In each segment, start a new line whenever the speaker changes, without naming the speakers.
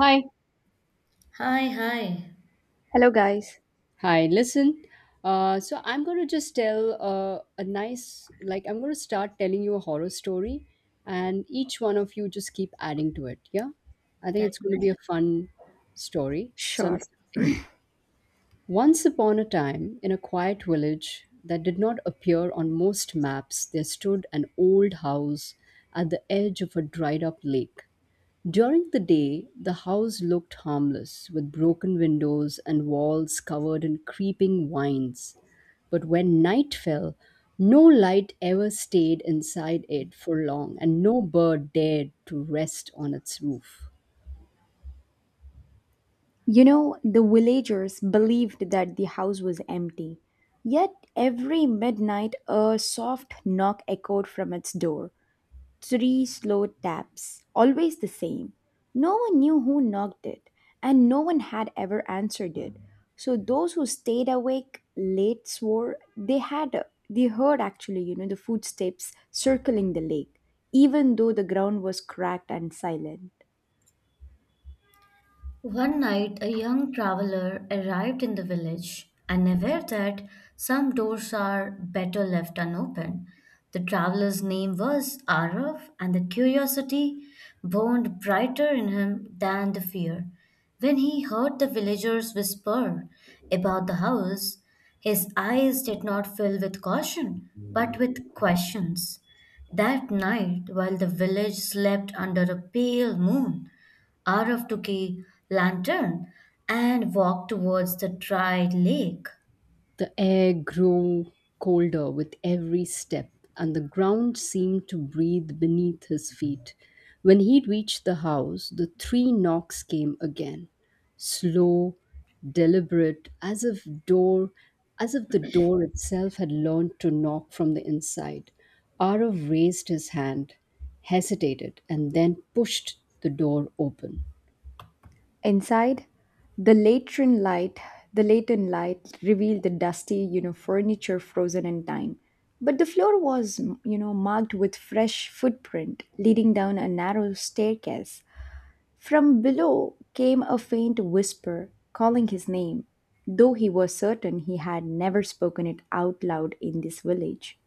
Hi.
Hi, hi.
Hello, guys.
Hi, listen. So I'm going to just tell a nice, like, I'm going to start telling you a horror story, and each one of you just keep adding to it. Yeah. I think
That-
it's going to be a fun story. So I'm
Sure.
starting. Once upon a time, in a quiet village that did not appear on most maps, there stood an old house at the edge of a dried up lake. During the day, the house looked harmless, with broken windows and walls covered in creeping vines. But when night fell, no light ever stayed inside it for long, and no bird dared to rest on its roof.
You know, the villagers believed that the house was empty. Yet every midnight, a soft knock echoed from its door. Three slow taps, always the same. No one knew who knocked it, and no one had ever answered it. So those who stayed awake late swore they heard actually, you know, the footsteps circling the lake, even though the ground was cracked and silent.
One night, a young traveler arrived in the village, and aware that some doors are better left unopened. The traveler's name was Arav, and the curiosity burned brighter in him than the fear. When he heard the villagers whisper about the house, his eyes did not fill with caution, but with questions. That night, while the village slept under a pale moon, Araf took a lantern and walked towards the dry lake.
The air grew colder with every step, and the ground seemed to breathe beneath his feet. When he reached the house, the three knocks came again, slow, deliberate, as if the door itself had learned to knock from the inside. Arav raised his hand, hesitated, and then pushed the door open.
Inside, the lantern light, the lantern light revealed the dusty, you know, furniture frozen in time. But the floor was, you know, marked with fresh footprint leading down a narrow staircase. From below came a faint whisper calling his name, though he was certain he had never spoken it out loud in this village.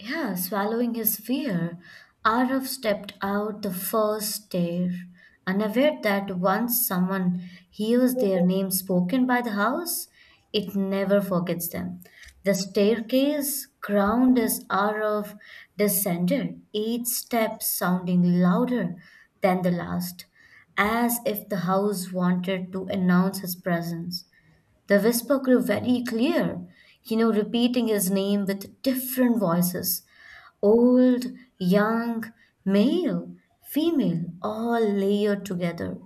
Yeah, swallowing his fear, Araf stepped out the first stair, unaware that once someone hears their name spoken by the house, it never forgets them. The staircase ground as Araf descended, each step sounding louder than the last, as if the house wanted to announce his presence. The whisper grew very clear, you know, repeating his name with different voices old, young, male, female, all layered together.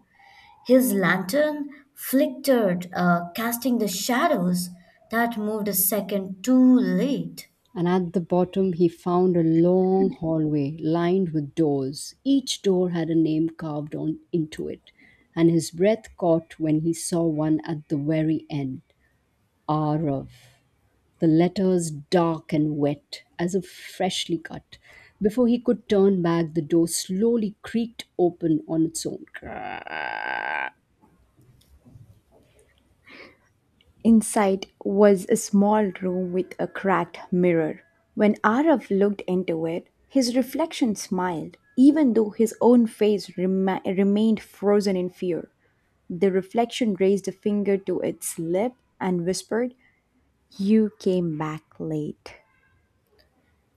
His lantern flickered, casting the shadows that moved a second too late.
And at the bottom he found a long hallway lined with doors. Each door had a name carved on into it, and his breath caught when he saw one at the very end Arav, the letters dark and wet, as if freshly cut. Before he could turn back, the door slowly creaked open on its own.
Inside was a small room with a cracked mirror. When Araf looked into it, his reflection smiled, even though his own face remained frozen in fear. The reflection raised a finger to its lip and whispered, "You came back late."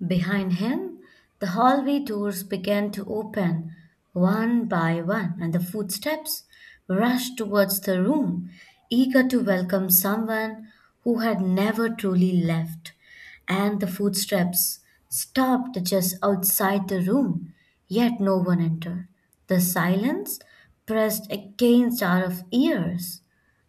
Behind him, the hallway doors began to open one by one, and the footsteps rushed towards the room, eager to welcome someone who had never truly left. And the footsteps stopped just outside the room, yet no one entered. The silence pressed against our ears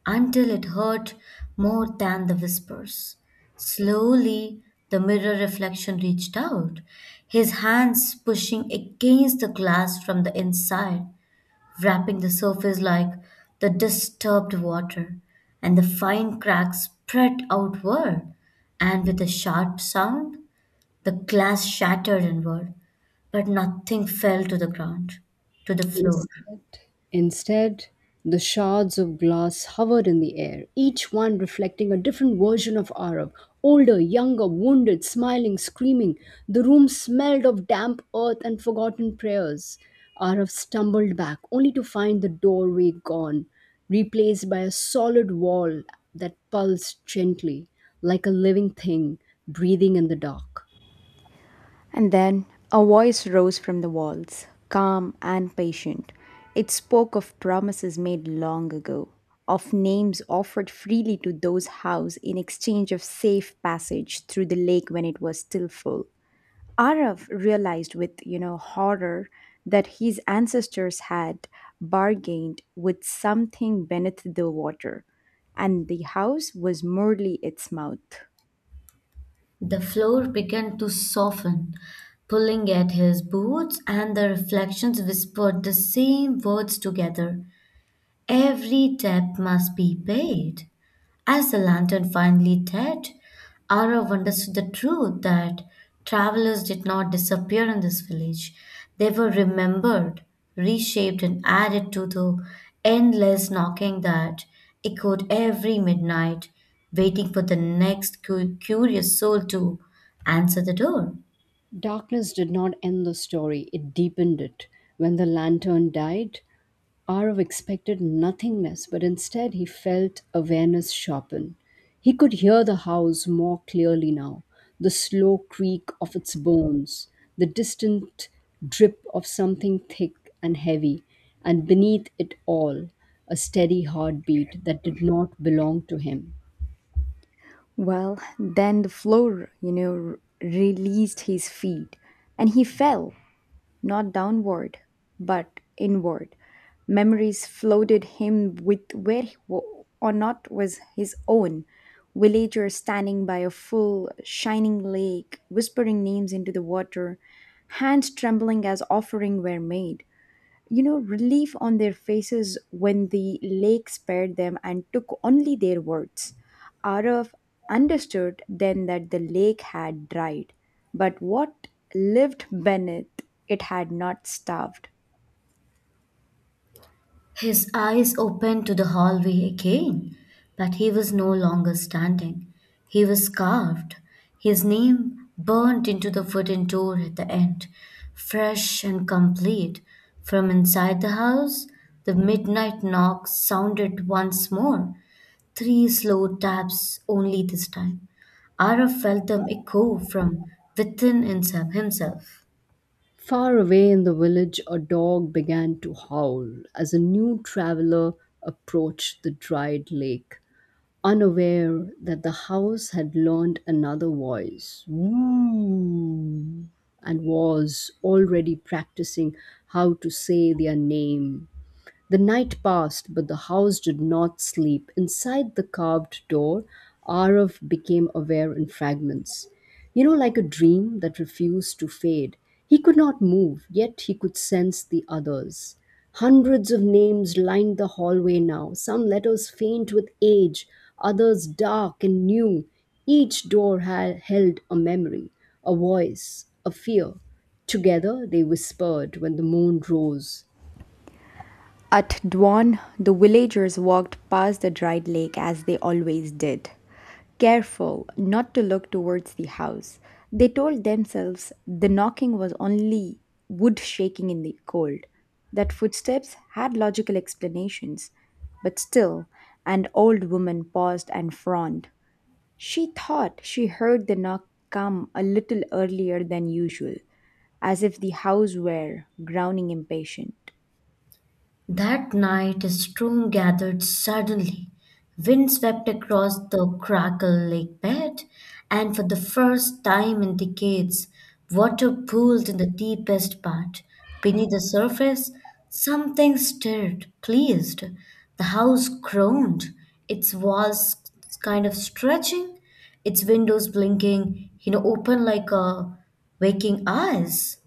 until it hurt more than the whispers. Slowly, the mirror reflection reached out, his hands pushing against the glass from the inside, wrapping the surface like the disturbed water, and the fine cracks spread outward, and with a sharp sound, the glass shattered inward, but nothing fell to the ground, to the floor.
Instead, instead, the shards of glass hovered in the air, each one reflecting a different version of Arav. Older, younger, wounded, smiling, screaming. The room smelled of damp earth and forgotten prayers. Arav stumbled back, only to find the doorway gone, replaced by a solid wall that pulsed gently, like a living thing breathing in the dark.
And then a voice rose from the walls, calm and patient. It spoke of promises made long ago, of names offered freely to those housed in exchange of safe passage through the lake when it was still full. Arav realized with, you know, horror that his ancestors had bargained with something beneath the water, and the house was merely its mouth.
The floor began to soften, pulling at his boots, and the reflections whispered the same words together. Every debt must be paid. As the lantern finally dead, Arav understood the truth that travelers did not disappear in this village. They were remembered, reshaped, and added to the endless knocking that echoed every midnight, waiting for the next curious soul to answer the door.
Darkness did not end the story, it deepened it. When the lantern died, hour of expected nothingness, but instead he felt awareness sharpen. He could hear the house more clearly now, the slow creak of its bones, the distant drip of something thick and heavy, and beneath it all, a steady heartbeat that did not belong to him.
Well, then the floor, you know, released his feet, and he fell, not downward, but inward. Memories floated him with where he or not was his own. Villagers standing by a full, shining lake, whispering names into the water, hands trembling as offering were made, you know, relief on their faces when the lake spared them and took only their words. Arav understood then that the lake had dried, but what lived beneath it had not starved.
His eyes opened to the hallway again, but he was no longer standing. He was carved. His name burned into the wooden door at the end, fresh and complete. From inside the house, the midnight knock sounded once more, three slow taps only this time. Araf felt them echo from within himself.
Far away in the village, a dog began to howl as a new traveler approached the dried lake, unaware that the house had learned another voice. Woo! And was already practicing how to say their name. The night passed, but the house did not sleep. Inside the carved door, Arav became aware in fragments. You know, like a dream that refused to fade. He could not move, yet he could sense the others. Hundreds of names lined the hallway now, some letters faint with age, others dark and new. Each door had held a memory, a voice, a fear. Together they whispered when the moon rose.
At dawn, the villagers walked past the dried lake as they always did. Careful not to look towards the house. They told themselves the knocking was only wood shaking in the cold, that footsteps had logical explanations. But still, an old woman paused and frowned. She thought she heard the knock come a little earlier than usual, as if the house were growling impatient.
That night, a storm gathered suddenly. Wind swept across the Crackle Lake bed, and for the first time in decades, water pooled in the deepest part. Beneath the surface, something stirred, pleased. The house groaned, its walls kind of stretching, its windows blinking, you know, open like a waking eyes.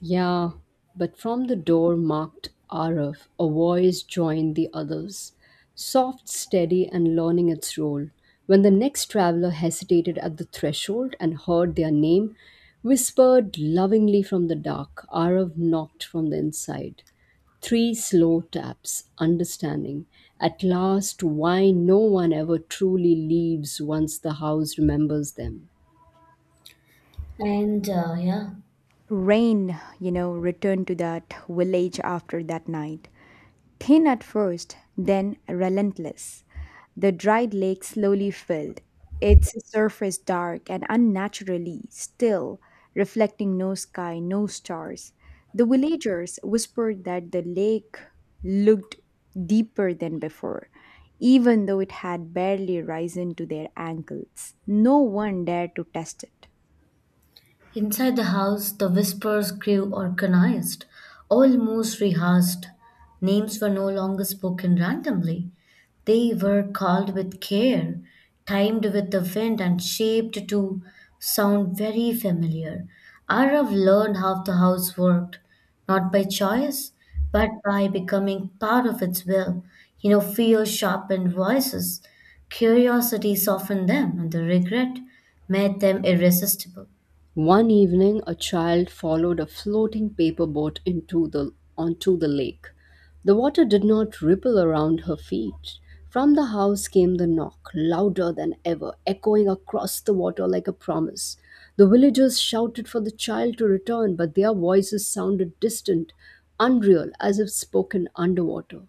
Yeah, but from the door marked "Arif," a voice joined the others, soft, steady, and learning its role. When the next traveler hesitated at the threshold and heard their name, whispered lovingly from the dark, Arif knocked from the inside. Three slow taps, understanding. At last, why no one ever truly leaves once the house remembers them.
And yeah.
Rain, you know, returned to that village after that night. Thin at first, then relentless. The dried lake slowly filled, its surface dark and unnaturally still, reflecting no sky, no stars. The villagers whispered that the lake looked deeper than before, even though it had barely risen to their ankles. No one dared to test it.
Inside the house, the whispers grew organized, almost rehearsed. Names were no longer spoken randomly. They were called with care, timed with the wind, and shaped to sound very familiar. Arav learned how the house worked, not by choice, but by becoming part of its will. You know, fear sharpened voices, curiosity softened them, and the regret made them irresistible.
One evening, a child followed a floating paper boat onto the lake. The water did not ripple around her feet. From the house came the knock, louder than ever, echoing across the water like a promise. The villagers shouted for the child to return, but their voices sounded distant, unreal, as if spoken underwater.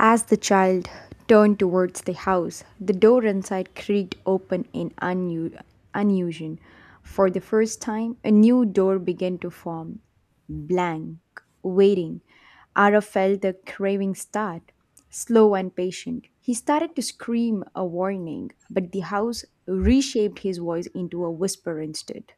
As the child turned towards the house, the door inside creaked open in unusual. For the first time, a new door began to form. Blank, waiting, Ara felt the craving start. Slow and patient, he started to scream a warning, but the house reshaped his voice into a whisper instead.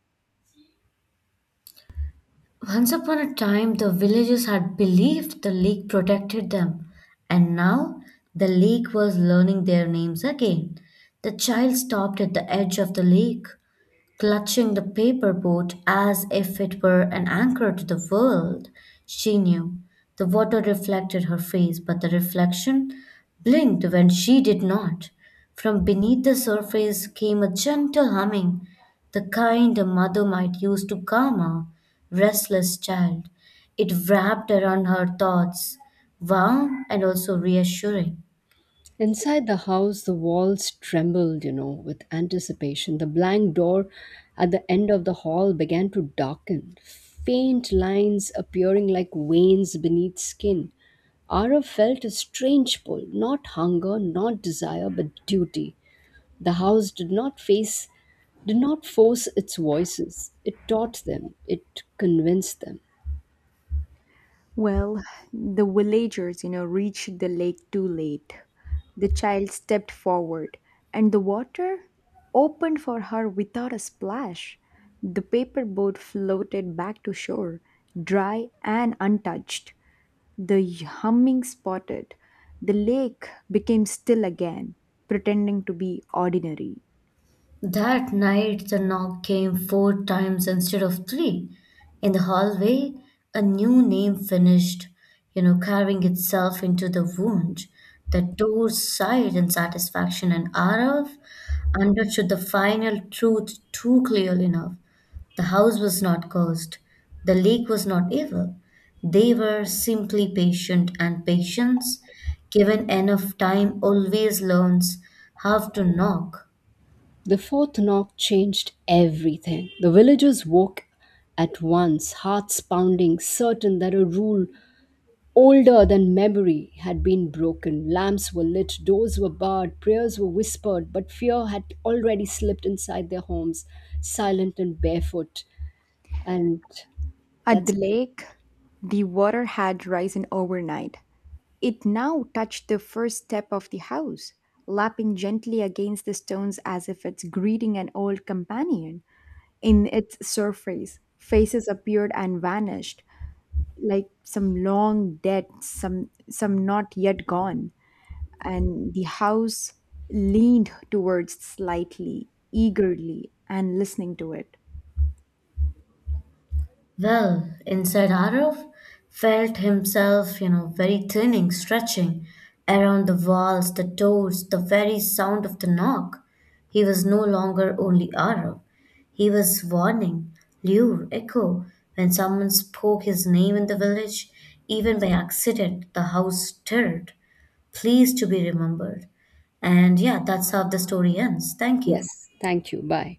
Once upon a time, the villagers had believed the lake protected them, and now the lake was learning their names again. The child stopped at the edge of the lake clutching the paper boat as if it were an anchor to the world. She knew. The water reflected her face, but the reflection blinked when she did not. From beneath the surface came a gentle humming, the kind a mother might use to calm a restless child. It wrapped around her thoughts, warm and also reassuring.
Inside the house, the walls trembled, you know, with anticipation. The blank door at the end of the hall began to darken, faint lines appearing like veins beneath skin. Arav felt a strange pull, not hunger, not desire, but duty. The house did not face, did not force its voices. It taught them, it convinced them.
Well, the villagers, you know, reached the lake too late. The child stepped forward, and the water opened for her without a splash. The paper boat floated back to shore, dry and untouched. The humming spotted. The lake became still again, pretending to be ordinary.
That night, the knock came four times instead of three. In the hallway, a new name finished, you know, carving itself into the wound. The door sighed in satisfaction, and Arav understood the final truth too clearly enough. The house was not cursed, the lake was not evil. They were simply patient, and patience, given enough time, always learns how to knock.
The fourth knock changed everything. The villagers woke at once, hearts pounding, certain that a rule older than memory had been broken. Lamps were lit, doors were barred, prayers were whispered, but fear had already slipped inside their homes, silent and barefoot. And
At the
that's
lake, the water had risen overnight. It now touched the first step of the house, lapping gently against the stones as if it's greeting an old companion. In its surface, faces appeared and vanished, like some long dead, some not yet gone. And the house leaned towards slightly, eagerly, and listening to it.
Well, inside Arav felt himself, you know, very thinning, stretching around the walls, the doors, the very sound of the knock. He was no longer only Arav. He was warning, lure, echo. When someone spoke his name in the village, even by accident, the house stirred, pleased to be remembered. And yeah, that's how the story ends. Thank you.
yes. Thank you. Bye.